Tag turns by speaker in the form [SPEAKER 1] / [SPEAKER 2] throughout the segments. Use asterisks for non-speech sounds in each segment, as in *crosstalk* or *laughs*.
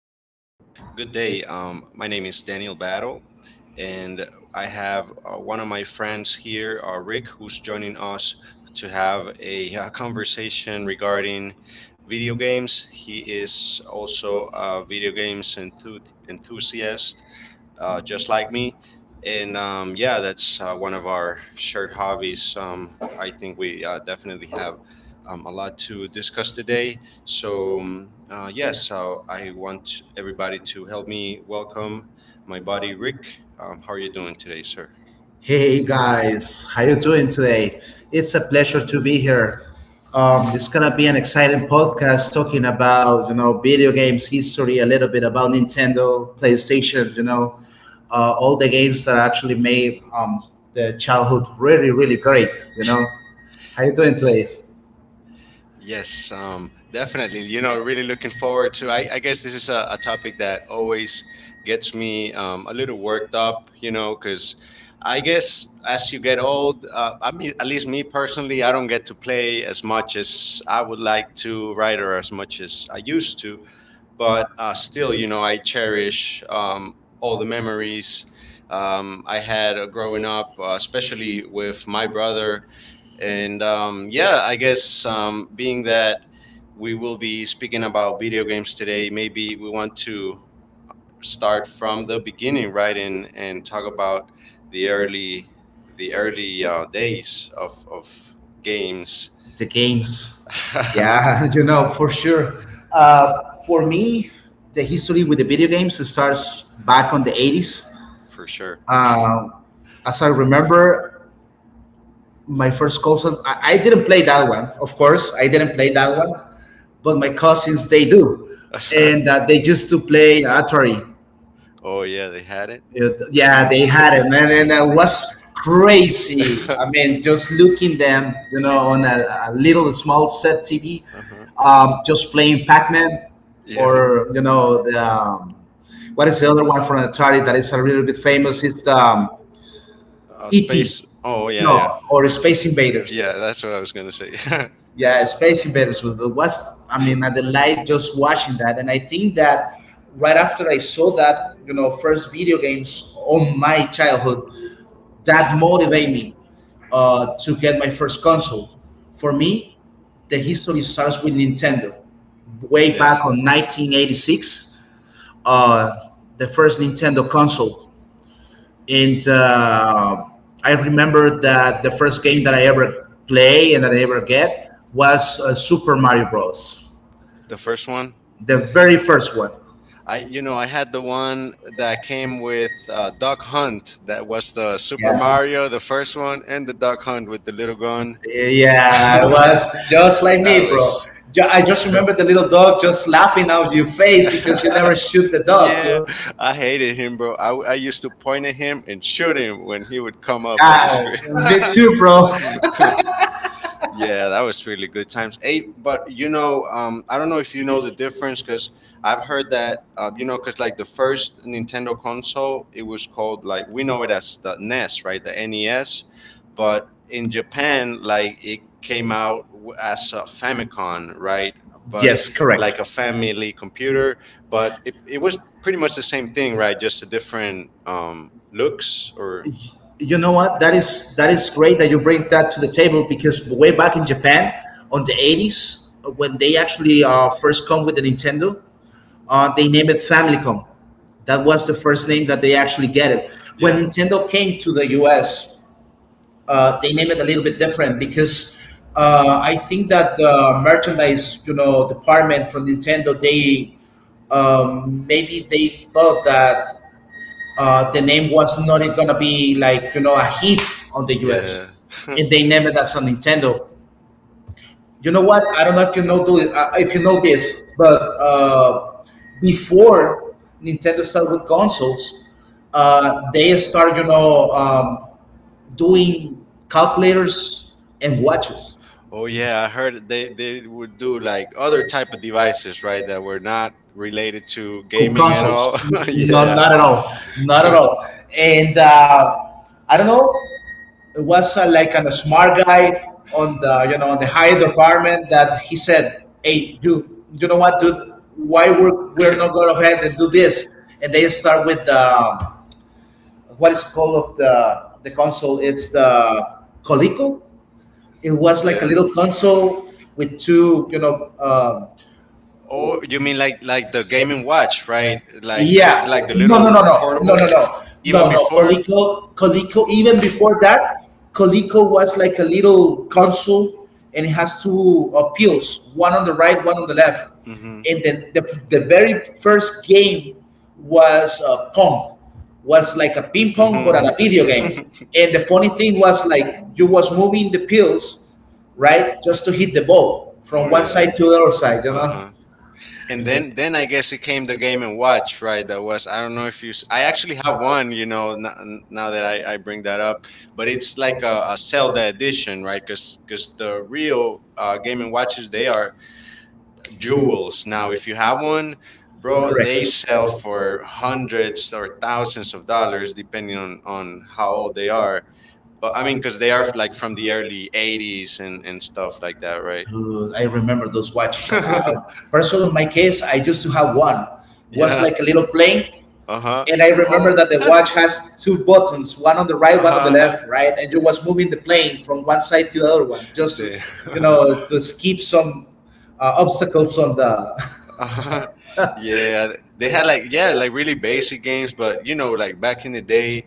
[SPEAKER 1] afternoon. Good day. My name is Daniel Battle, and I have one of my friends here, Rick, who's joining us to have a conversation regarding video games. He is also a video games enthusiast, just like me. And yeah, that's one of our shared hobbies. I think we definitely have a lot to discuss today. So, yes, I want everybody to help me welcome my buddy Rick. How are you doing today, sir?
[SPEAKER 2] Hey guys, how you doing today? It's a pleasure to be here. It's gonna be an exciting podcast talking about video games history, a little bit about Nintendo, PlayStation, all the games that actually made the childhood really, really great. You know, how you doing today?
[SPEAKER 1] Yes, definitely. Really looking forward to. I guess this is a topic that always gets me a little worked up. Because I guess as you get old, I mean, at least me personally, I don't get to play as much as I would like to, right, or as much as I used to. But still, you know, I cherish all the memories I had growing up, especially with my brother, and yeah, I guess being that we will be speaking about video games today, maybe we want to start from the beginning, right, and talk about the early the early days of games
[SPEAKER 2] The games,
[SPEAKER 1] *laughs* for
[SPEAKER 2] yeah, *laughs* you know for sure. For me, the history with the video games starts back on the 80s
[SPEAKER 1] sure.
[SPEAKER 2] uh, as I remember, my first console I didn't play that one. Of course, I didn't play that one, but my cousins they do, and
[SPEAKER 1] *laughs*
[SPEAKER 2] they used to play Atari.
[SPEAKER 1] Oh yeah, they had it.
[SPEAKER 2] Yeah, they had it, man, and it was crazy. I mean,
[SPEAKER 1] *laughs*
[SPEAKER 2] just looking them, you know, on a little small set TV,
[SPEAKER 1] Uh-huh.
[SPEAKER 2] just playing Pac-Man,
[SPEAKER 1] Yeah.
[SPEAKER 2] or you know, the what is the other one from Atari that is a little bit famous? It's ET,
[SPEAKER 1] Space. Oh
[SPEAKER 2] you
[SPEAKER 1] yeah, yeah.
[SPEAKER 2] know, or
[SPEAKER 1] 18.
[SPEAKER 2] Space Invaders.
[SPEAKER 1] Yeah, that's what I was gonna say.
[SPEAKER 2] Yeah, Space Invaders was, I mean, I delight just watching that, and I think that right after I saw that, you know, first video games on my childhood, that motivated me to get my first console. For me, the history starts with Nintendo,
[SPEAKER 1] *laughs*
[SPEAKER 2] way— Yeah.
[SPEAKER 1] Yeah,
[SPEAKER 2] —back on 1986, uh, the first Nintendo console. And I remember that the first game that I ever play and that I ever get was Super Mario Bros.
[SPEAKER 1] the first one.
[SPEAKER 2] The very first one.
[SPEAKER 1] I you know I had the one that came with Duck Hunt. That was the Super
[SPEAKER 2] Yeah.
[SPEAKER 1] Mario, the first one, and the Duck Hunt with the little gun.
[SPEAKER 2] Yeah, it was
[SPEAKER 1] *laughs*
[SPEAKER 2] just like
[SPEAKER 1] That
[SPEAKER 2] me, bro.
[SPEAKER 1] was.
[SPEAKER 2] I just remember the little dog just laughing out your face because you never shoot
[SPEAKER 1] *laughs*
[SPEAKER 2] the dogs.
[SPEAKER 1] Yeah, I hated him, bro. I used to point at him and shoot him when he would come up on the
[SPEAKER 2] Ah,
[SPEAKER 1] screen.
[SPEAKER 2] me too, bro.
[SPEAKER 1] *laughs* Yeah, that was really good times. Hey, but I don't know if you know the difference, because I've heard that, because like the first Nintendo console, it was called, like we know it as the NES, right? The NES, but in Japan, like it came out as a Famicom, right? But
[SPEAKER 2] Yes, correct.
[SPEAKER 1] like a family computer, but it was pretty much the same thing, right? Just a different looks, or
[SPEAKER 2] You know what? That is, that is great that you bring that to the table, because way back in Japan on the 80s when they actually first come with the Nintendo, they named it Famicom. That was the first name that they actually get it. When
[SPEAKER 1] yeah.
[SPEAKER 2] Nintendo came to the US, they named it a little bit different, because I think that the merchandise, you know, department from Nintendo, they maybe they thought that the name was not going to be like, you know, a hit on the US,
[SPEAKER 1] Yeah.
[SPEAKER 2] and they named it as a Nintendo. You know what? I don't know if you know do if you know this, but before Nintendo started with consoles, they started, you know, doing calculators and watches.
[SPEAKER 1] Oh yeah, I heard they would do like other type of
[SPEAKER 2] Right.
[SPEAKER 1] devices, right? That were not related to gaming at
[SPEAKER 2] Consoles.
[SPEAKER 1] all. Consoles. *laughs*
[SPEAKER 2] No,
[SPEAKER 1] Yeah.
[SPEAKER 2] not at all. Not at all. And I don't know. It was like a smart guy on the, you know, on the higher department, that he said, "Hey, you know what, dude? Why we're not going ahead and do this?" And they start with the what is called of the console. It's the Coleco. It was like a
[SPEAKER 1] Yeah.
[SPEAKER 2] little console with two, you know,
[SPEAKER 1] Oh,
[SPEAKER 2] Oh,
[SPEAKER 1] you mean like the
[SPEAKER 2] right?
[SPEAKER 1] gaming watch, right?
[SPEAKER 2] Like,
[SPEAKER 1] Like the
[SPEAKER 2] Yeah.
[SPEAKER 1] yeah. Like
[SPEAKER 2] like—
[SPEAKER 1] the no,
[SPEAKER 2] No, no,
[SPEAKER 1] little
[SPEAKER 2] no, no, no, no,
[SPEAKER 1] portable. No,
[SPEAKER 2] no,
[SPEAKER 1] no,
[SPEAKER 2] no,
[SPEAKER 1] even
[SPEAKER 2] no. No.
[SPEAKER 1] before.
[SPEAKER 2] Coleco, Coleco. Even before that, Coleco was like a little console, and it has two pills, one on the right, one on the left.
[SPEAKER 1] Mhm.
[SPEAKER 2] And then the very first game was Pong. Was like a ping pong, but on a
[SPEAKER 1] Mhm.
[SPEAKER 2] video game.
[SPEAKER 1] *laughs* Big.
[SPEAKER 2] And the funny thing was like you was moving the pills, right, just to hit the ball from
[SPEAKER 1] Oh
[SPEAKER 2] one
[SPEAKER 1] yeah.
[SPEAKER 2] side to the other side, you know.
[SPEAKER 1] The And then I guess it came the Game and Watch, right? That was I don't know if you. I actually have one, you know. Now that I bring that up, but it's like a Zelda edition, right? Because the real Game and Watches, they are jewels. Now, if you have one, bro,
[SPEAKER 2] Correct.
[SPEAKER 1] they sell for hundreds or thousands of dollars, depending on how old they are. But I mean, because they are like from the early '80s and stuff like that, right?
[SPEAKER 2] I remember those watches. I
[SPEAKER 1] *laughs*
[SPEAKER 2] remember. Personally, in my case, I used to have one. Was
[SPEAKER 1] Yeah.
[SPEAKER 2] like a little plane,
[SPEAKER 1] Uh huh.
[SPEAKER 2] and I remember
[SPEAKER 1] Oh.
[SPEAKER 2] that the watch has two buttons, one on the right,
[SPEAKER 1] Uh
[SPEAKER 2] one on the
[SPEAKER 1] huh.
[SPEAKER 2] left, right, and you was moving the plane from one side to the other one, just as,
[SPEAKER 1] They. *laughs*
[SPEAKER 2] you know, to skip some obstacles on
[SPEAKER 1] Uh-huh.
[SPEAKER 2] the. *laughs*
[SPEAKER 1] Yeah. They had like yeah, like really basic games, but you know, like back in the day,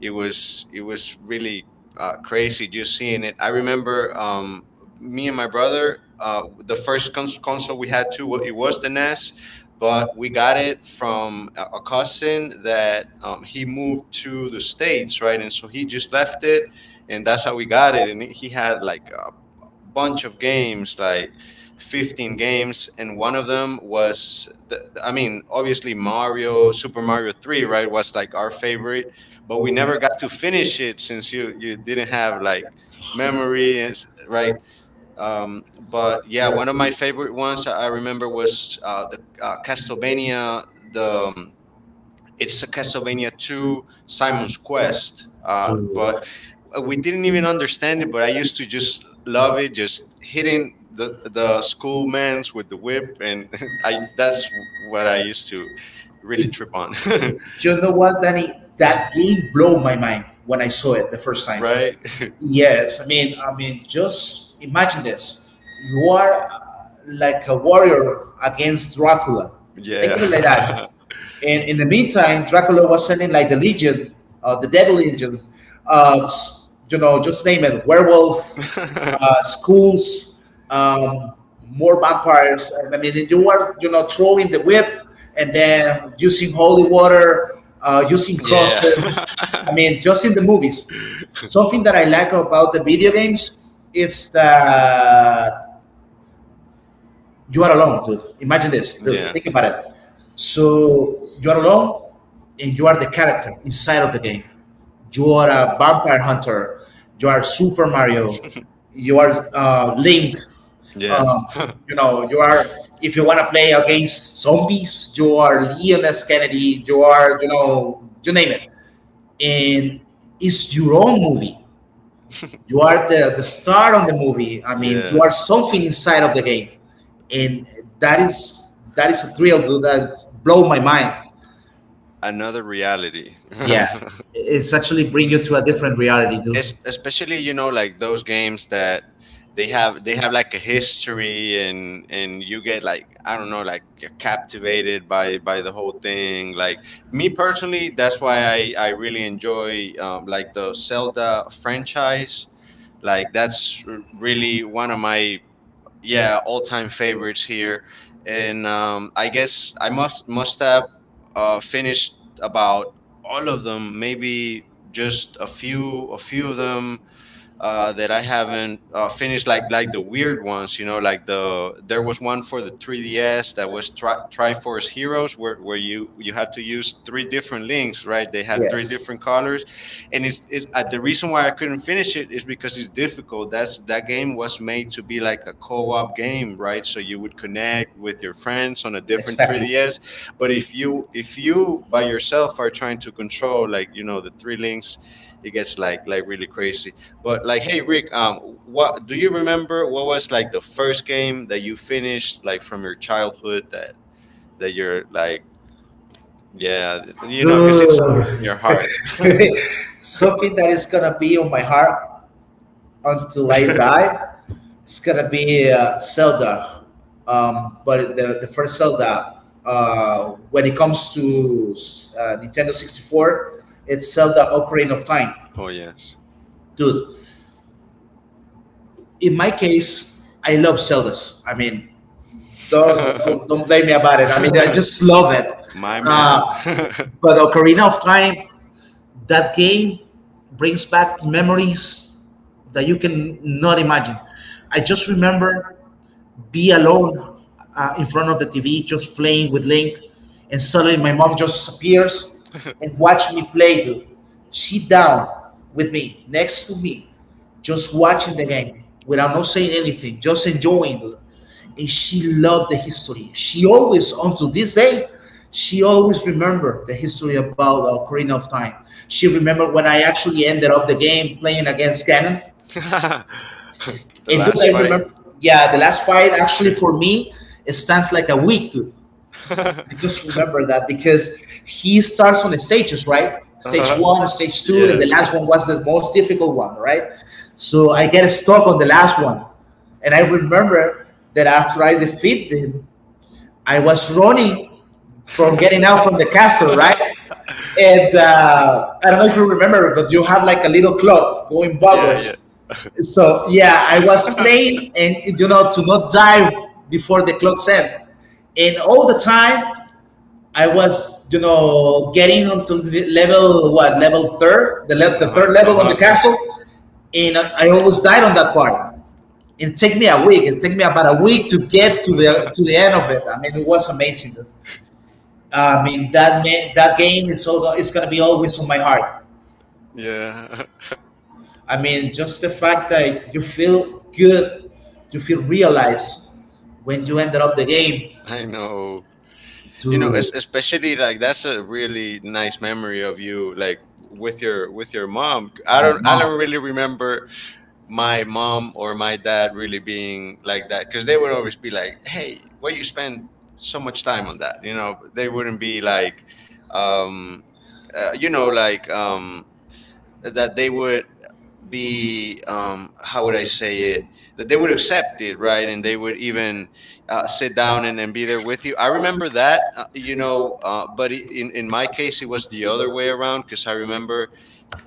[SPEAKER 1] it was really crazy just seeing it. I remember me and my brother. The first console we had too, it was the NES, but we got it from a cousin that he moved to the states, right? And so he just left it, and that's how we got it. And he had like bunch of games, like 15 games, and one of them was, I mean, obviously Mario, Super Mario 3, right, was like our favorite, but we never got to finish it since you didn't have like memory, and right? But yeah, one of my favorite ones I remember was the Castlevania, the, um, it's a Castlevania 2 Simon's Quest.
[SPEAKER 2] True.
[SPEAKER 1] But we didn't even understand it, but I used to just love it, just hitting the schoolmans with the whip, and *laughs* I that's what I used to really trip on,
[SPEAKER 2] *laughs* You know what, Danny? That game blew my mind when I saw it the first time.
[SPEAKER 1] *laughs* right?
[SPEAKER 2] Yes, I mean, just imagine this: you are like a warrior against Dracula. Think
[SPEAKER 1] Yeah.
[SPEAKER 2] of it like— Yeah. —that.
[SPEAKER 1] *laughs*
[SPEAKER 2] And in the meantime, Dracula was sending like the Legion, the Devil Legion, uh, s- you know, just name it, werewolf,
[SPEAKER 1] *laughs*
[SPEAKER 2] schools, um, more vampires. I mean, you were, you know, throwing the whip and then using holy water, using
[SPEAKER 1] Yeah.
[SPEAKER 2] crosses. I mean, just in
[SPEAKER 1] *laughs*
[SPEAKER 2] the movies. Something that I like about the video games is that you are alone, dude. Imagine this, dude.
[SPEAKER 1] Yeah.
[SPEAKER 2] Think about it. So you are alone, and you are the character inside of the game. You are a vampire hunter. You are Super Mario. You are Link.
[SPEAKER 1] Yeah. *laughs*
[SPEAKER 2] You know, you are— if you want to play against zombies, you are Leon S. Kennedy. You are, you know, you name it. And it's your own movie. You are the star on the movie. I mean— Yeah. —you
[SPEAKER 1] Yeah.
[SPEAKER 2] are something inside of the game, and that is, that is a thrill, dude. That blow my mind.
[SPEAKER 1] Another reality.
[SPEAKER 2] Yeah,
[SPEAKER 1] *laughs*
[SPEAKER 2] it's actually bring you to a different reality,
[SPEAKER 1] Yeah.
[SPEAKER 2] dude.
[SPEAKER 1] Especially, you know, like those games that they have like a history, and you get like I don't know, like you're captivated by the whole thing. Like me personally, that's why I really enjoy like the Zelda franchise. Like that's really one of my yeah, all time favorites here, and I guess I must have finished about all of them, maybe just a few of them that I haven't finished, like the weird ones, you know, there was one for the 3DS that was Triforce Heroes, where, where you have to use three different links, right? They have three
[SPEAKER 2] Yes,
[SPEAKER 1] different colors, and it's the reason why I couldn't finish it is because it's difficult. That game was made to be like a co-op game, right? So you would connect with your
[SPEAKER 2] your—
[SPEAKER 1] friends on a different
[SPEAKER 2] Exactly.
[SPEAKER 1] 3DS, but if you by yourself are trying to control, like you know, the three links, it gets like really crazy. But like, hey Rick, what do you remember? What was like the first game that you finished, like from your childhood, that you're like, yeah, you know, because it's
[SPEAKER 2] Dude,
[SPEAKER 1] in your heart. *laughs*
[SPEAKER 2] *laughs* something that is gonna be on my heart until I die, it's gonna be Zelda, but the first Zelda. When it comes to Nintendo 64, it's Zelda Ocarina of Time,
[SPEAKER 1] Oh yes,
[SPEAKER 2] dude. In my case, I love Zeldas. I mean, don't, don't blame me about it. I mean, I just love it.
[SPEAKER 1] *laughs* my
[SPEAKER 2] Uh,
[SPEAKER 1] man. *laughs*
[SPEAKER 2] but Ocarina of Time, that game brings back memories that you can not imagine. I just remember be alone in front of the TV, just playing with Link, and suddenly my mom just appears and watch me play, dude. Sit down with me, next to me, just watching the game without not saying anything, just enjoying it. And she loved the history. She always, until this day, she always remembered the history about Ocarina of Time. She remembered when I actually ended up the game playing against Ganon.
[SPEAKER 1] The
[SPEAKER 2] And last,
[SPEAKER 1] last
[SPEAKER 2] dude, I
[SPEAKER 1] fight.
[SPEAKER 2] remember, yeah, the last fight actually for me, it stands like a week, dude. I just
[SPEAKER 1] *laughs*
[SPEAKER 2] remember that because he starts on the stages, right? Stage
[SPEAKER 1] uh
[SPEAKER 2] one, stage two,
[SPEAKER 1] Yeah.
[SPEAKER 2] and the last one was the most difficult one, right? So I get stuck on the last one. And I remember that after I defeat him, I was running
[SPEAKER 1] *laughs* That's
[SPEAKER 2] from getting out from the
[SPEAKER 1] that's
[SPEAKER 2] castle,
[SPEAKER 1] the plan. And
[SPEAKER 2] right?
[SPEAKER 1] I
[SPEAKER 2] And
[SPEAKER 1] don't
[SPEAKER 2] I don't know
[SPEAKER 1] know if
[SPEAKER 2] if you
[SPEAKER 1] you remember,
[SPEAKER 2] remember, but
[SPEAKER 1] but you
[SPEAKER 2] you have
[SPEAKER 1] have like
[SPEAKER 2] like a little clock going
[SPEAKER 1] a *laughs* yeah, yeah.
[SPEAKER 2] backwards.
[SPEAKER 1] Box.
[SPEAKER 2] So yeah, I was playing, and you know, to not die before the clock end. And all the time, I
[SPEAKER 1] I
[SPEAKER 2] was,
[SPEAKER 1] was,
[SPEAKER 2] you
[SPEAKER 1] you
[SPEAKER 2] know, getting
[SPEAKER 1] know,
[SPEAKER 2] onto the level, what level
[SPEAKER 1] getting up to the level, what level third,
[SPEAKER 2] third, the, the third
[SPEAKER 1] the
[SPEAKER 2] level on the
[SPEAKER 1] level, uh-huh, third level of
[SPEAKER 2] castle, and I almost died on that part. It took me a week. It took me about a week to get
[SPEAKER 1] the, uh-huh,
[SPEAKER 2] to
[SPEAKER 1] castle,
[SPEAKER 2] the end of
[SPEAKER 1] uh-huh.
[SPEAKER 2] it. I mean, it was amazing. I mean, that that game is all, it's gonna be always on my heart.
[SPEAKER 1] *laughs* To the editor.
[SPEAKER 2] I mean, just the fact that you feel good, you feel realized when you ended up the game.
[SPEAKER 1] Yeah, *laughs* I know. You know, especially like that's a really nice memory of you, like with your mom. I don't really remember my mom or my dad really being like that, because they would always be like, hey, why you spend so much time on that? You know, they wouldn't be like um uh, you know like um that they would be, how would I say it, that they would accept it, right, and they would even sit down and be there with you. I remember that, but in my case it was the other way around, because I remember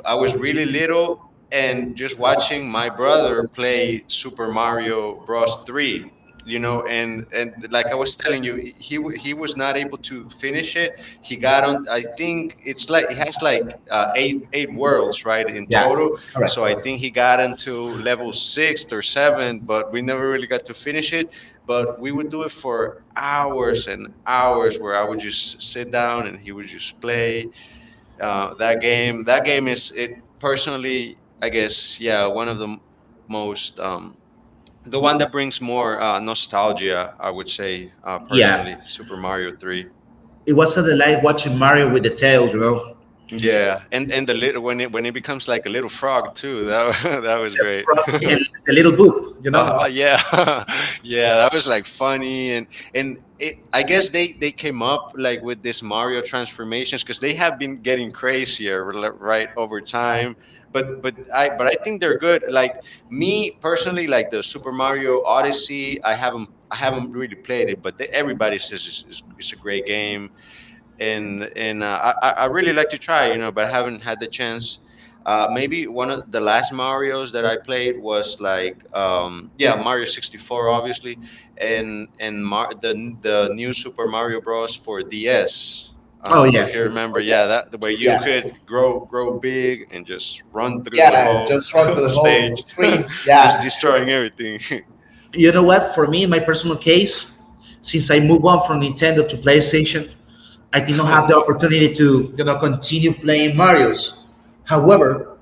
[SPEAKER 1] I was really little and just watching my brother play Super Mario Bros.
[SPEAKER 2] Plus,
[SPEAKER 1] 3, you know, and like I was telling you, he was not able to finish it. He got on, I think it's like it has like eight worlds, right, in total, so I think he got into level sixth or seventh, but we never really got to finish it, but we would do it for hours and hours where I would just sit down and he would just play that game is it. Personally, I guess, yeah, one of the most, um, the one that brings more nostalgia, I would say, personally, Super Mario 3.
[SPEAKER 2] it wasn't like watching Mario with the tail, you know,
[SPEAKER 1] Yeah, and the little when it becomes like a little frog too. *laughs* That was great. *laughs*
[SPEAKER 2] in the little booth, you
[SPEAKER 1] Uh-huh,
[SPEAKER 2] know.
[SPEAKER 1] yeah, *laughs* yeah, that was like funny, and it. I guess they came up like with this Mario transformations, because they have been getting crazier right over time. But I think they're good. Like me personally, like the Super Mario Odyssey, I haven't really played it, but everybody says it's a great game, and I really like to try, you know, but I haven't had the chance. Maybe one of the last Mario's that I played was like, yeah, Mario 64, obviously, and the new Super Mario Bros for DS.
[SPEAKER 2] Oh yeah,
[SPEAKER 1] If you remember,
[SPEAKER 2] oh
[SPEAKER 1] yeah, that the way
[SPEAKER 2] yeah,
[SPEAKER 1] you could
[SPEAKER 2] yeah,
[SPEAKER 1] grow big and just run through the
[SPEAKER 2] yeah.
[SPEAKER 1] whole
[SPEAKER 2] Just run to
[SPEAKER 1] *laughs*
[SPEAKER 2] the whole
[SPEAKER 1] stage, *laughs*
[SPEAKER 2] screen.
[SPEAKER 1] just
[SPEAKER 2] Yeah.
[SPEAKER 1] destroying everything.
[SPEAKER 2] You know what? For me, in my personal case, since I moved on from Nintendo to PlayStation, I did not have the opportunity
[SPEAKER 1] *laughs*
[SPEAKER 2] to, you know, continue playing Mario's. However,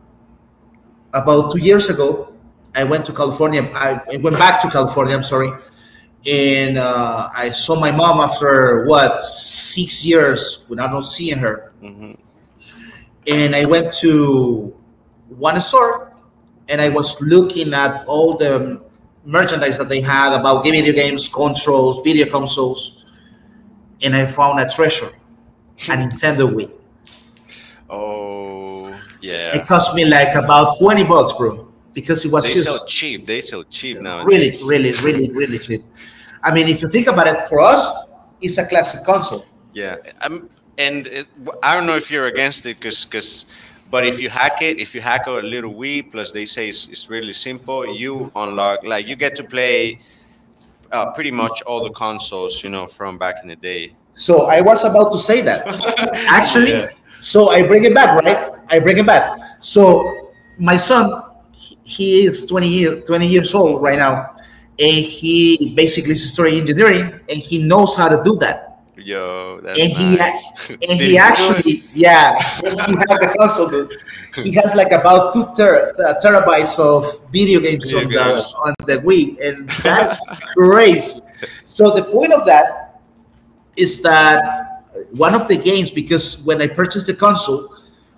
[SPEAKER 2] about 2 years ago, I went to California. I went back to California. I'm sorry, and I saw my mom after what, 6 years without not seeing her,
[SPEAKER 1] Oh.
[SPEAKER 2] and I went to one store, and I was looking at all the merchandise that they had about video games, controls, video consoles, and I found a treasure, a Nintendo Wii.
[SPEAKER 1] Oh,
[SPEAKER 2] Yeah. It
[SPEAKER 1] yeah.
[SPEAKER 2] cost me like about $20, bro, because it was
[SPEAKER 1] They
[SPEAKER 2] just
[SPEAKER 1] sell cheap. They sell cheap
[SPEAKER 2] really,
[SPEAKER 1] nowadays.
[SPEAKER 2] really, really,
[SPEAKER 1] *laughs*
[SPEAKER 2] really cheap. I mean, if you think about it, for us, it's a classic console.
[SPEAKER 1] Yeah, um, and I don't know if you're against it, but if you hack it, if you hack a little Wii, plus they say it's really simple, you unlock, like you get to play pretty much all the consoles, you know, from back in the day.
[SPEAKER 2] So I was about to say that.
[SPEAKER 1] *laughs* Yeah.
[SPEAKER 2] Actually, so I bring it back, right? I bring it back. So my son, he is 20, year, 20 years old right
[SPEAKER 1] Hmm.
[SPEAKER 2] now, and he basically is studying engineering, and he knows how to do that.
[SPEAKER 1] Yo, that's
[SPEAKER 2] And he,
[SPEAKER 1] nice. *laughs*
[SPEAKER 2] and
[SPEAKER 1] Did
[SPEAKER 2] he
[SPEAKER 1] he do it?
[SPEAKER 2] actually, yeah, he had the console, dude. He has like about two terabytes of video games
[SPEAKER 1] Video games.
[SPEAKER 2] on the Wii, and that's
[SPEAKER 1] *laughs*
[SPEAKER 2] crazy. So the point of that is that one of the games, because when I purchased the console,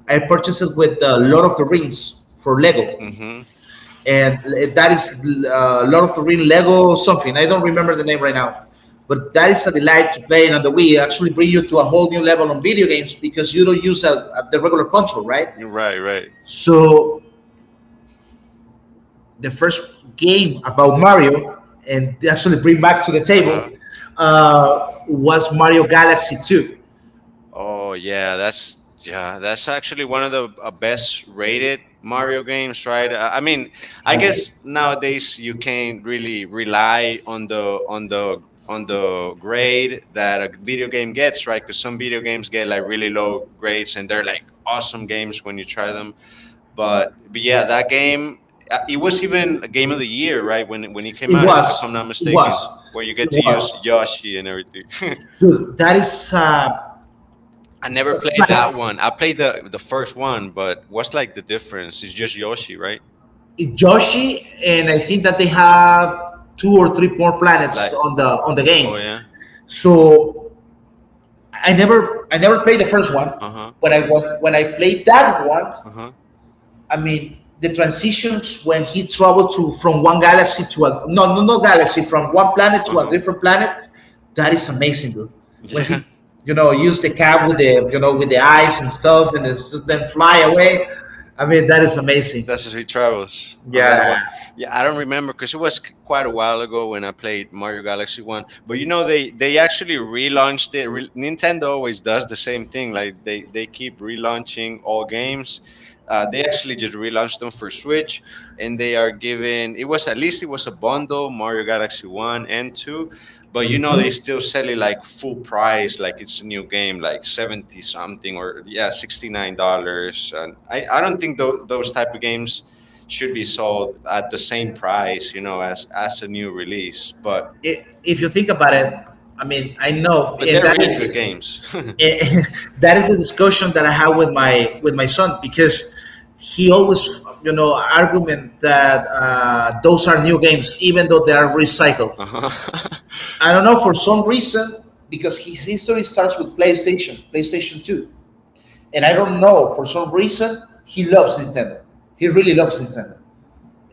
[SPEAKER 2] I purchased it with the Lord of the Rings for Lego,
[SPEAKER 1] hmm
[SPEAKER 2] and that is Lord of the Ring Lego something. I don't remember the name right now, but that is a delight to play and on the Wii. It actually bring you to a whole new level on video games, because you don't use the regular control, right?
[SPEAKER 1] Right, right.
[SPEAKER 2] So the first game about Mario and actually bring back to the table
[SPEAKER 1] Uh-huh.
[SPEAKER 2] was Mario Galaxy Two,
[SPEAKER 1] Oh yeah, that's actually one of the best rated Mario games, right? I guess nowadays you can't really rely on the grade that a video game gets, right? Because some video games get like really low grades, and they're like awesome games when you try them. But yeah, that game it was even a game of the year, right? When it came out, if I'm not mistaken, where you get to use Yoshi and everything. *laughs*
[SPEAKER 2] dude. That is
[SPEAKER 1] I never played that one. I played the first one, but what's like the difference? It's just Yoshi, right?
[SPEAKER 2] Joshi, and I think that they have two or three more planets
[SPEAKER 1] Like,
[SPEAKER 2] on the
[SPEAKER 1] oh
[SPEAKER 2] game.
[SPEAKER 1] yeah,
[SPEAKER 2] So I never played the first one,
[SPEAKER 1] uh huh,
[SPEAKER 2] but I when I played that one,
[SPEAKER 1] uh huh.
[SPEAKER 2] I mean the transitions when he traveled to from one galaxy to a no galaxy, from one planet
[SPEAKER 1] Uh
[SPEAKER 2] to a
[SPEAKER 1] huh.
[SPEAKER 2] different planet, that is amazing, dude. When he,
[SPEAKER 1] Yeah.
[SPEAKER 2] you know, use the cap with the, you know, with the eyes and stuff and then, then fly away, I mean that is amazing.
[SPEAKER 1] That's how he travels on that
[SPEAKER 2] Yeah.
[SPEAKER 1] one. Yeah, I don't remember because it was quite a while ago when I played Mario Galaxy One. But you know, they actually relaunched it. Nintendo always does the same thing. Like they keep relaunching all games. They actually just relaunched them for Switch, and they are giving. It was at least it was a bundle Mario Galaxy One and Two,
[SPEAKER 2] Mhm.
[SPEAKER 1] but you know they still sell it like full price like it's a new game like 70 something or yeah $69, and I don't think those type of games should be sold at the same
[SPEAKER 2] the
[SPEAKER 1] price, you know, as a new release, but
[SPEAKER 2] If you think about it, I mean, I know,
[SPEAKER 1] but
[SPEAKER 2] and
[SPEAKER 1] they're
[SPEAKER 2] that
[SPEAKER 1] really good
[SPEAKER 2] is
[SPEAKER 1] games.
[SPEAKER 2] *laughs*
[SPEAKER 1] *laughs*
[SPEAKER 2] that is the discussion that I have with my son, because he always, you know, argument that those are new games, even though they are recycled.
[SPEAKER 1] uh-huh.
[SPEAKER 2] I don't know, for some reason, because his history starts with PlayStation, PlayStation Two. And I don't know, for some reason, he loves Nintendo. He really loves Nintendo.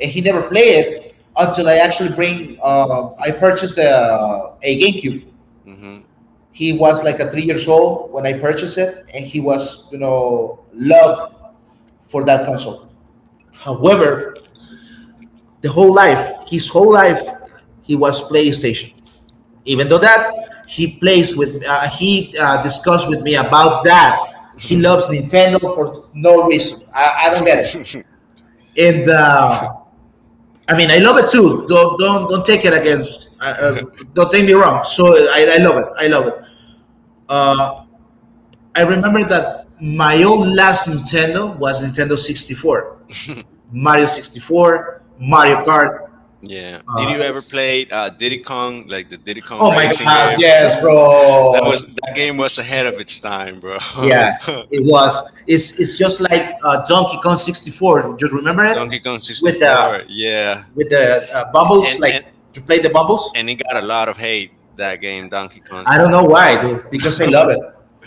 [SPEAKER 2] And he never played it until I actually bring, I purchased a GameCube.
[SPEAKER 1] *laughs* hmm
[SPEAKER 2] He was like a 3 years old when I purchased it, and he was, you know, loved for that console. However, the whole life, his whole life, he was PlayStation. Even though that he plays with, he discussed with me about that. He loves Nintendo for no reason. I don't get it.
[SPEAKER 1] *laughs*
[SPEAKER 2] And I mean, I love it too. Don't take it against. Don't take me wrong. So I love it. I love it. Uh, I remember that my own last Nintendo was Nintendo 64, Mario 64, Mario Kart.
[SPEAKER 1] Yeah. Did
[SPEAKER 2] Uh,
[SPEAKER 1] you ever play Diddy Kong, like the Diddy Kong
[SPEAKER 2] oh my
[SPEAKER 1] racing
[SPEAKER 2] God!
[SPEAKER 1] game? *laughs*
[SPEAKER 2] Yes,
[SPEAKER 1] Phew. That
[SPEAKER 2] bro.
[SPEAKER 1] was that game was ahead of its time, bro.
[SPEAKER 2] Yeah, it
[SPEAKER 1] *laughs*
[SPEAKER 2] was. It's just like Donkey Kong 64. Do you remember
[SPEAKER 1] Donkey
[SPEAKER 2] it?
[SPEAKER 1] Kong
[SPEAKER 2] With the
[SPEAKER 1] 64. Yeah.
[SPEAKER 2] with the
[SPEAKER 1] And
[SPEAKER 2] bubbles, like
[SPEAKER 1] and
[SPEAKER 2] to play the bubbles.
[SPEAKER 1] and it got a lot of hate that game Donkey Kong.
[SPEAKER 2] I don't know why, dude, because I love it.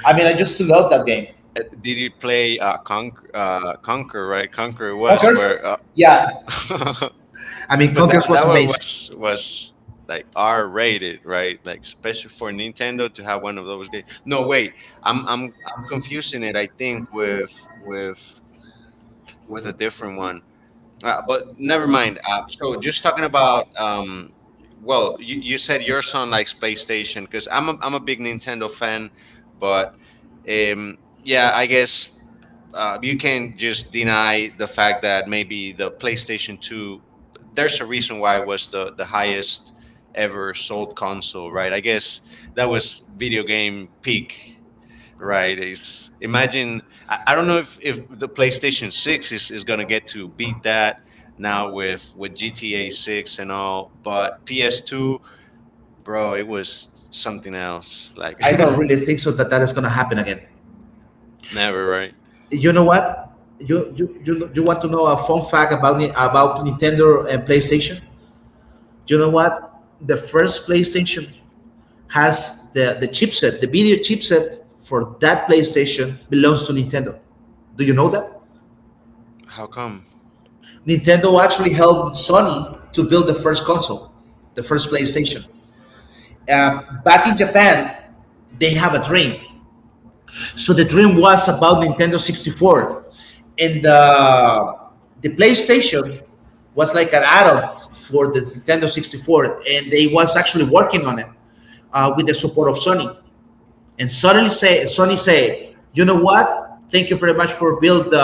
[SPEAKER 2] I mean, I just love that game.
[SPEAKER 1] Did you play Conk Conquer, right? Conquer was
[SPEAKER 2] Conkers?
[SPEAKER 1] where
[SPEAKER 2] Yeah.
[SPEAKER 1] uh,
[SPEAKER 2] I
[SPEAKER 1] *laughs*
[SPEAKER 2] mean,
[SPEAKER 1] but that,
[SPEAKER 2] Conkers
[SPEAKER 1] that
[SPEAKER 2] was
[SPEAKER 1] one
[SPEAKER 2] amazing.
[SPEAKER 1] was like R rated, right? Like special for Nintendo to have one of those games. No, wait, I'm confusing it. I think with with a different one. But never mind. So just talking about well, you said your son likes PlayStation because I'm a big Nintendo fan, but um, yeah, I guess you can not just deny the fact that maybe the PlayStation 2, there's a reason why it was the highest ever sold console, right? I guess that was video game peak, right? It's imagine I don't know if the PlayStation 6 is going to get to beat that now with GTA 6 and all, but PS2, bro, it was something else, like
[SPEAKER 2] I don't really think so that is going to happen again.
[SPEAKER 1] *laughs* never. Right,
[SPEAKER 2] You know what? You want to know a fun fact about about Nintendo and PlayStation? You know what? The first PlayStation has the chipset, the video chipset for that PlayStation belongs to Nintendo. Do you know that?
[SPEAKER 1] how come
[SPEAKER 2] Nintendo actually helped Sony to build the first console, the first PlayStation. Back in Japan, they have a dream. So the dream was about Nintendo 64. And the PlayStation was like an add-on for the Nintendo 64. And they was actually working on it with the support of Sony. And suddenly say Suddenly say, you know what, thank you very much for build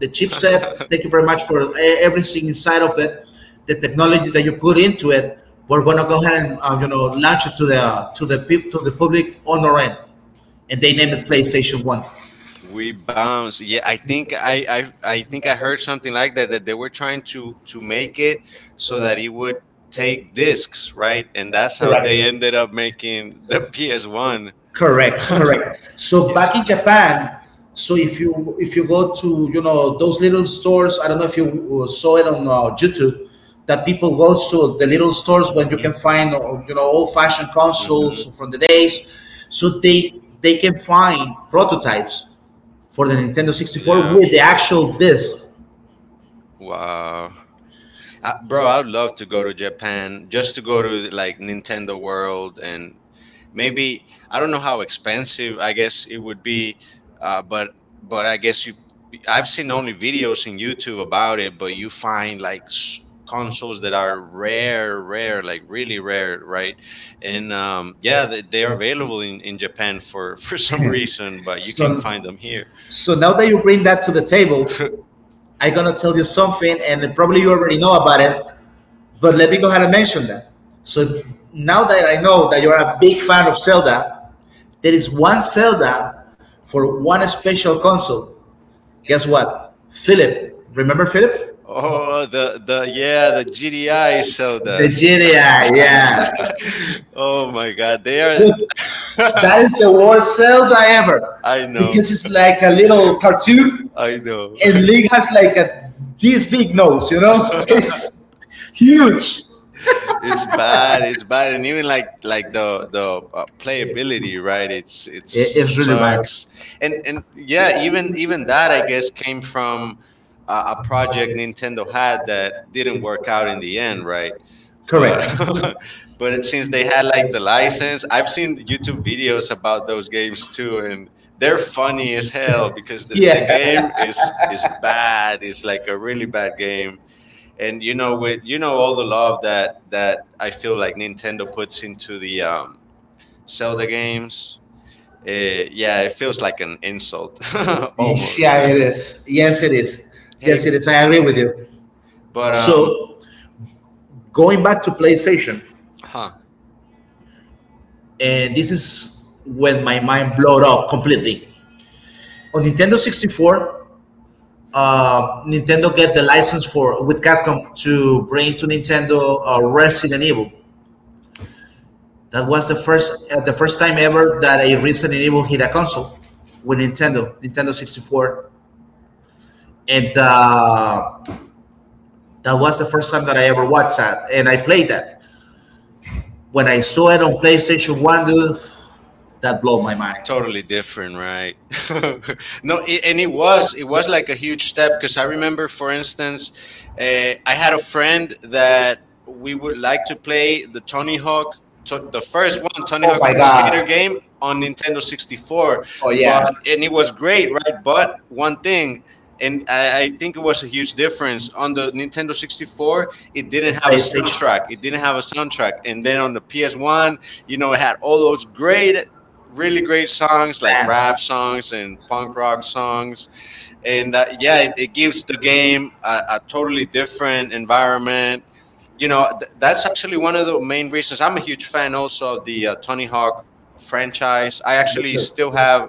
[SPEAKER 2] the chipset, thank you very much
[SPEAKER 1] *laughs*
[SPEAKER 2] for everything inside of it, the technology that you put into it, we're going to go ahead and you know, launch it to the to the public on our end, and they named it PlayStation 1.
[SPEAKER 1] it. We bounce. Yeah, I think I think I heard something like that they were trying to make it so that it would take discs, right? And that's how they ended up making the PS One.
[SPEAKER 2] Correct, correct. So
[SPEAKER 1] Yes.
[SPEAKER 2] back in Japan, so if you go to, you know, those little stores, I don't know if you saw it on YouTube, that people go to the little stores where you can
[SPEAKER 1] Mhm.
[SPEAKER 2] find you know, old fashioned consoles
[SPEAKER 1] Mhm.
[SPEAKER 2] from the days, so they can find prototypes for the Nintendo 64
[SPEAKER 1] Yeah.
[SPEAKER 2] with the actual disc.
[SPEAKER 1] Wow, I, bro! I'd love to go to Japan just to go to like Nintendo World, and maybe I don't know
[SPEAKER 2] *laughs*
[SPEAKER 1] how expensive I guess it would be, uh, but but I guess you I've seen only videos in YouTube about it, but you find like consoles that are like really rare, right? And yeah, they are available in Japan for *laughs* for some reason, but you can find
[SPEAKER 2] So
[SPEAKER 1] them here.
[SPEAKER 2] so now that you bring that to the table, I'm gonna tell you something, and probably you already know about it, but let me go ahead and mention that. So now that I know that you're a big fan of Zelda, there is one Zelda for one special console. Guess what? Philip. Remember Philip?
[SPEAKER 1] Oh, the GDI
[SPEAKER 2] The
[SPEAKER 1] Zeldas.
[SPEAKER 2] GDI, yeah.
[SPEAKER 1] *laughs* oh my God, they are.
[SPEAKER 2] Dude,
[SPEAKER 1] That's the
[SPEAKER 2] that is
[SPEAKER 1] worst
[SPEAKER 2] the
[SPEAKER 1] Zelda
[SPEAKER 2] worst Zelda
[SPEAKER 1] ever. I
[SPEAKER 2] ever,
[SPEAKER 1] know. It's
[SPEAKER 2] because
[SPEAKER 1] just
[SPEAKER 2] it's
[SPEAKER 1] like
[SPEAKER 2] like a
[SPEAKER 1] a
[SPEAKER 2] little cartoon
[SPEAKER 1] little cartoon. I know.
[SPEAKER 2] and
[SPEAKER 1] *laughs*
[SPEAKER 2] Ling has like a this big nose, you know? *laughs* It's huge.
[SPEAKER 1] it's bad. It's bad, and even like the playability, right? It
[SPEAKER 2] It's really bad.
[SPEAKER 1] sucks, and yeah, even that I guess came from a project Nintendo had that didn't work out in the end, right? but *laughs* but
[SPEAKER 2] *laughs*
[SPEAKER 1] since they had like the license, I've seen YouTube videos about those games too, and they're funny as hell because the
[SPEAKER 2] *laughs*
[SPEAKER 1] game is bad. It's like a really bad game, and you know with you know all the love that I feel like Nintendo puts into the Zelda games, yeah it feels like an insult *laughs*
[SPEAKER 2] Yeah,
[SPEAKER 1] almost.
[SPEAKER 2] yeah, it is. Yes, it is.
[SPEAKER 1] *laughs* hey,
[SPEAKER 2] Yes, it is. I agree with you.
[SPEAKER 1] but um
[SPEAKER 2] So going back to PlayStation,
[SPEAKER 1] huh,
[SPEAKER 2] and this is when my mind blowed up completely. On Nintendo 64, Nintendo get the license for with Capcom to bring to Nintendo Resident Evil. That was the first time ever that a Resident Evil hit a console with Nintendo 64, and that was the first time that I ever watched that, and I played that when I saw it on PlayStation One, dude, that blew my mind.
[SPEAKER 1] totally different, right? *laughs* no, it, and it was like a huge step because I remember for instance, uh, I had a friend that we would like to play the Tony Hawk to, the first one Tony Hawk Pro Skater game on Nintendo 64, but and it was great, right? But one thing, and I think it was a huge difference on the Nintendo 64, it didn't have a
[SPEAKER 2] The
[SPEAKER 1] soundtrack. It didn't have a soundtrack. And then on the PS1, you know, it had all those great really great songs like rap songs and punk rock songs, and yeah it gives the game a totally different environment. You know that's actually one of the main reasons I'm a huge fan also of the Tony Hawk franchise. I actually still have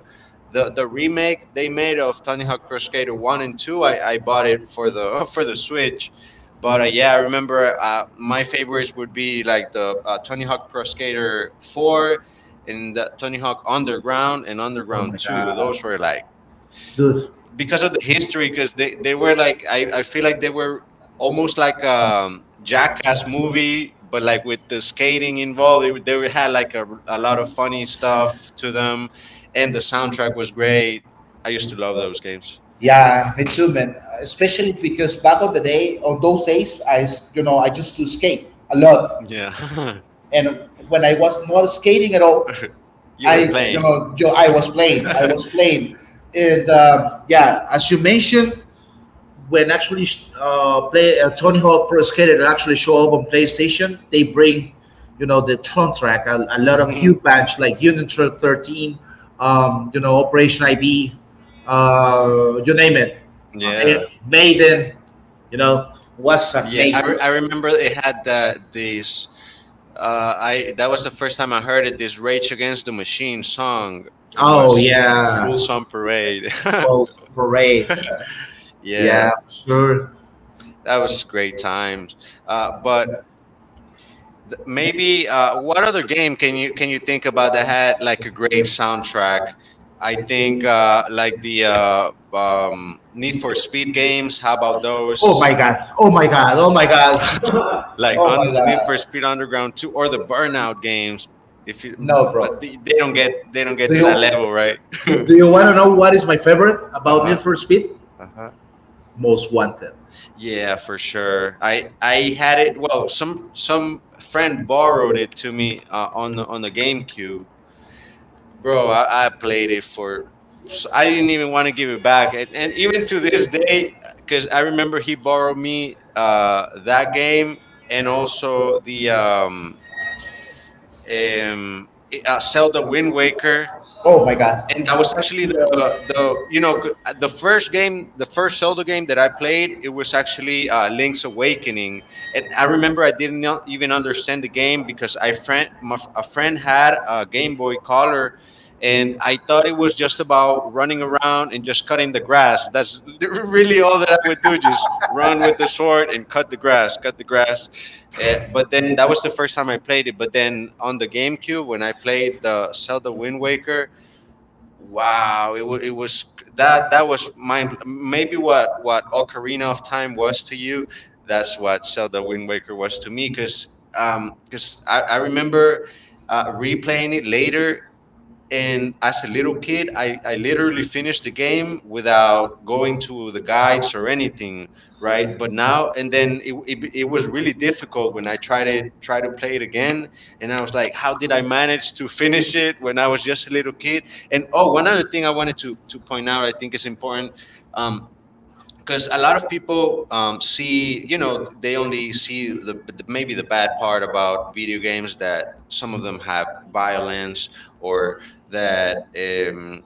[SPEAKER 1] the remake they made of Tony Hawk Pro Skater 1 and 2. I bought it for the *laughs* for the Switch. But yeah, I remember my favorites would be like the Tony Hawk Pro Skater 4 and the Tony Hawk Underground and
[SPEAKER 2] Oh
[SPEAKER 1] Underground
[SPEAKER 2] my
[SPEAKER 1] 2. Those were like
[SPEAKER 2] God. Dude,
[SPEAKER 1] because of the history because they were like I feel like they were almost like jackass movie but like with the skating involved. They had like a lot of funny stuff to them, and the soundtrack was great. I used to love those games.
[SPEAKER 2] yeah, me too, man. Especially because back on the day, on those days, you know, I used to skate a lot,
[SPEAKER 1] Yeah, *laughs*
[SPEAKER 2] and when I was not skating at all,
[SPEAKER 1] you
[SPEAKER 2] I,
[SPEAKER 1] were
[SPEAKER 2] you
[SPEAKER 1] playing.
[SPEAKER 2] know, I
[SPEAKER 1] *laughs*
[SPEAKER 2] was playing, and um, yeah, as you mentioned, when actually play Tony Hawk Pro Skater actually show up on PlayStation, they bring, you know, the Tron track, a lot of
[SPEAKER 1] Mhm.
[SPEAKER 2] huge bands like Union Tron 13, you know, Operation IB, you name it, uh.
[SPEAKER 1] Yeah
[SPEAKER 2] Yeah. Maiden, you know, was
[SPEAKER 1] yeah,
[SPEAKER 2] amazing.
[SPEAKER 1] I remember they had the this I that was the first time I heard it. This Rage Against the Machine song. It was
[SPEAKER 2] Oh yeah,
[SPEAKER 1] Bull Song Parade.
[SPEAKER 2] Bulls Parade,
[SPEAKER 1] *laughs* yeah,
[SPEAKER 2] yeah, sure.
[SPEAKER 1] that was great times. Uh, but Maybe what other game can you think about that had like a great soundtrack? I think like the Need for Speed games. How about those?
[SPEAKER 2] Oh my god, oh my god, oh my god, *laughs*
[SPEAKER 1] Like
[SPEAKER 2] oh my
[SPEAKER 1] Need for Speed
[SPEAKER 2] god.
[SPEAKER 1] Underground Two or the Burnout games. If you, but they don't get to that level, right? *laughs* uh
[SPEAKER 2] Do you want to know what is my favorite about Need
[SPEAKER 1] huh.
[SPEAKER 2] for Speed?
[SPEAKER 1] Uh-huh.
[SPEAKER 2] Most Wanted.
[SPEAKER 1] Yeah, for sure. I had it. Well, some friend borrowed it to me on the GameCube, bro.
[SPEAKER 2] *laughs*
[SPEAKER 1] I played it for. So I didn't even want to give it back, and even to this day, because I remember he borrowed me that game and also the um, Zelda Wind Waker.
[SPEAKER 2] Oh my god.
[SPEAKER 1] And that was actually the you know the first game the first Zelda game that I played. It was actually Link's Awakening, and I remember I didn't even understand the game because I friend my, f- a friend had a Game Boy Color, and I thought it was just about running around and just cutting the grass. That's *laughs* really all
[SPEAKER 2] *laughs*
[SPEAKER 1] that I would do, just run with the sword and cut the grass, cut the grass. But then that was the first time I played it. But then on the GameCube when I played the Zelda Wind Waker. Wow, it was that that was mind. Maybe what Ocarina of Time was to you, that's what Zelda Wind Waker was to me. Because I remember replaying it later, and as a little kid I literally finished the game without going to the guides or anything, right? But now and then it was really difficult when I tried it try to play it again, and I was like, how did I manage to finish it when I was just a little kid. And oh, one other thing I wanted to point out I think is important. um, because a lot of people see you know they only see the maybe the bad part about video games, that some of them have violence, or that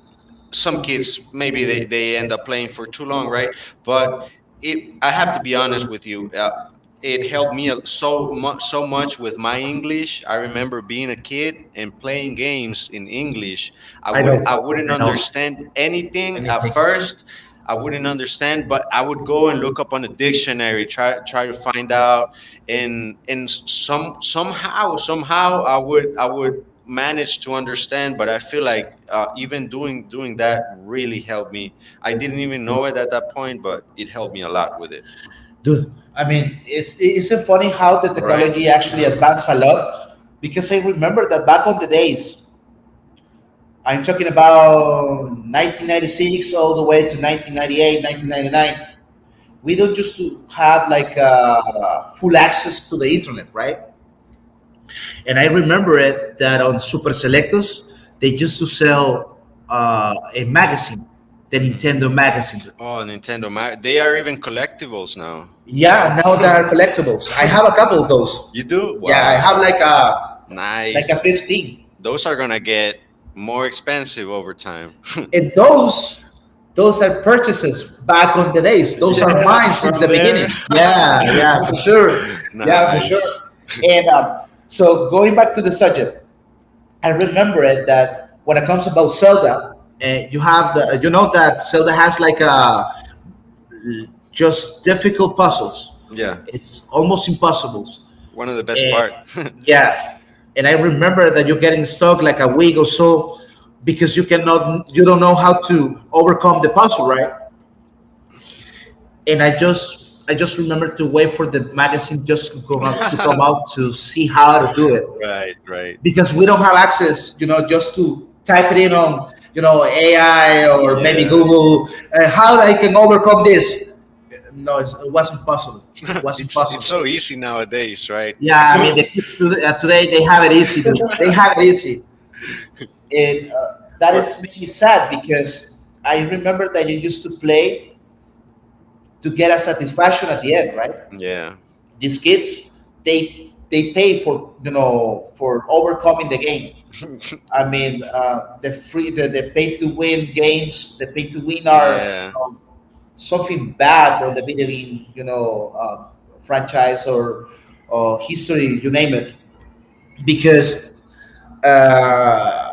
[SPEAKER 1] some kids maybe they end up playing for too long, right? But it, I have to be honest with you, it helped me so much, so much with my English. I remember being a kid and playing games in English. I wouldn't understand anything at first. I wouldn't understand, but I would go and look up on a dictionary, try to find out, and somehow I would managed to understand. But I feel like even doing that really helped me. I didn't even know it at that point, but it helped me a lot with it,
[SPEAKER 2] Dude, I mean, it's so funny how the
[SPEAKER 1] right?
[SPEAKER 2] technology actually
[SPEAKER 1] *laughs*
[SPEAKER 2] advanced a lot, because I remember that back on the days, I'm talking about 1996 all the way to 1998, 1999, we don't used to have like full access to the internet, right? And I remember it that on Super Selectos, they used to sell a magazine, the
[SPEAKER 1] Mhm.
[SPEAKER 2] Nintendo magazine.
[SPEAKER 1] Oh, Nintendo, they are even collectibles now, right?
[SPEAKER 2] Yeah, now they are collectibles. I have a couple of
[SPEAKER 1] *laughs*
[SPEAKER 2] those.
[SPEAKER 1] you do.
[SPEAKER 2] Yeah, I have
[SPEAKER 1] Wow,
[SPEAKER 2] like
[SPEAKER 1] nice.
[SPEAKER 2] a 15.
[SPEAKER 1] Those are gonna get more expensive over time.
[SPEAKER 2] And those are purchases back on the days.
[SPEAKER 1] *laughs*
[SPEAKER 2] Those are
[SPEAKER 1] yeah,
[SPEAKER 2] mine since
[SPEAKER 1] from
[SPEAKER 2] the
[SPEAKER 1] there.
[SPEAKER 2] beginning. Yeah, yeah, for sure.
[SPEAKER 1] *laughs*
[SPEAKER 2] Yeah, for
[SPEAKER 1] nice.
[SPEAKER 2] sure. And so going back to the subject, I remember it that when it comes about Zelda, you have the, you know, that Zelda has like a just difficult puzzles.
[SPEAKER 1] Yeah.
[SPEAKER 2] It's almost impossible.
[SPEAKER 1] One of the best part. *laughs*
[SPEAKER 2] Yeah. And I remember that you're getting stuck like a week or so because you cannot, you don't know how to overcome the puzzle, right? And I just remember to wait for the magazine just to come out to see how to do it.
[SPEAKER 1] right, right.
[SPEAKER 2] Because we don't have access, you know, just to type it in on, you know, AI or maybe
[SPEAKER 1] Yeah.
[SPEAKER 2] Google, how I can overcome this. No, it's, it wasn't possible. It
[SPEAKER 1] *laughs*
[SPEAKER 2] wasn't
[SPEAKER 1] It's so
[SPEAKER 2] possible.
[SPEAKER 1] easy nowadays, right?
[SPEAKER 2] Yeah, I mean
[SPEAKER 1] *laughs*
[SPEAKER 2] the kids today, today they have it easy. Dude. They have it easy. It That
[SPEAKER 1] or
[SPEAKER 2] is made me sad because I remember that you used to play to get a satisfaction at the end, right?
[SPEAKER 1] yeah.
[SPEAKER 2] These kids, they pay for, you know, for overcoming the game.
[SPEAKER 1] *laughs*
[SPEAKER 2] I mean, the pay to win games, the pay to win are, you
[SPEAKER 1] Yeah.
[SPEAKER 2] know, something bad on the video game, you know, franchise or history, you name it, because uh,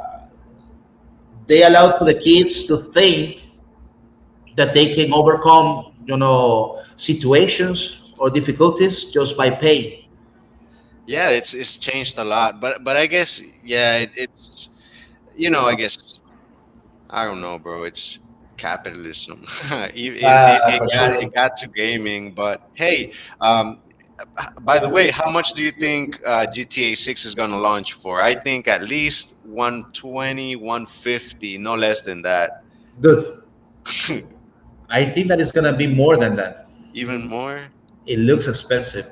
[SPEAKER 2] they allow to the kids to think that they can overcome, you know, situations or difficulties just by pay.
[SPEAKER 1] Yeah, it's changed a lot, but I guess yeah, it's you know, I guess I don't know, bro. It's capitalism. *laughs* It
[SPEAKER 2] For sure.
[SPEAKER 1] it got to gaming, but hey, um,
[SPEAKER 2] By
[SPEAKER 1] by the
[SPEAKER 2] the way,
[SPEAKER 1] way, how
[SPEAKER 2] how
[SPEAKER 1] much do
[SPEAKER 2] much—
[SPEAKER 1] you think GTA Six is gonna launch for? I think at least 120, 150, no less than that.
[SPEAKER 2] Dude,
[SPEAKER 1] *laughs*
[SPEAKER 2] I think that it's gonna be more than that.
[SPEAKER 1] Even more.
[SPEAKER 2] It looks expensive.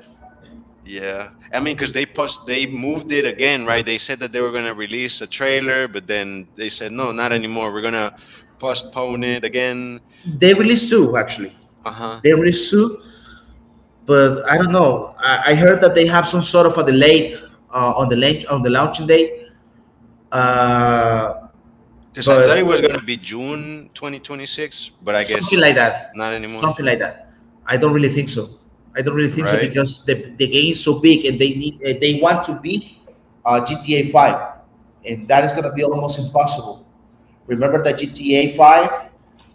[SPEAKER 1] Yeah, I mean, because they moved it again, right? They said that they were gonna release a trailer, but then they said no, not anymore. We're gonna postpone it again.
[SPEAKER 2] They released two actually.
[SPEAKER 1] Uh huh.
[SPEAKER 2] They released two, but I don't know. I heard that they have some sort of a delay on the launch on the launching date. Uh, It's
[SPEAKER 1] Because I
[SPEAKER 2] but
[SPEAKER 1] thought it
[SPEAKER 2] very well
[SPEAKER 1] was going to be
[SPEAKER 2] done.
[SPEAKER 1] June 2026, but I
[SPEAKER 2] Something
[SPEAKER 1] guess
[SPEAKER 2] like that,
[SPEAKER 1] not anymore,
[SPEAKER 2] something like that. I don't really think so, I don't really think so,
[SPEAKER 1] right?
[SPEAKER 2] because the game is so big and they need they want to beat GTA 5, and that is going to be almost impossible. Remember that GTA 5,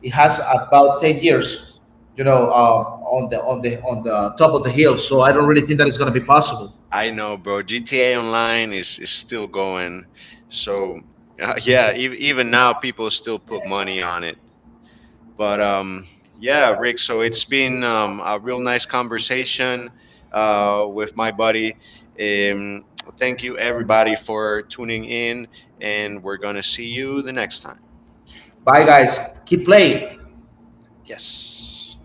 [SPEAKER 2] it has about 10 years, you know, on the on the top of the hill, so I don't really think that is going to be possible.
[SPEAKER 1] I know, bro. GTA Online is still going. So, yeah, even now, people still put money on it. But yeah, Rick. So it's been a real nice conversation with my buddy. Um, Thank you everybody for tuning in, and we're gonna see you the next time.
[SPEAKER 2] Bye guys, keep playing.
[SPEAKER 1] Yes.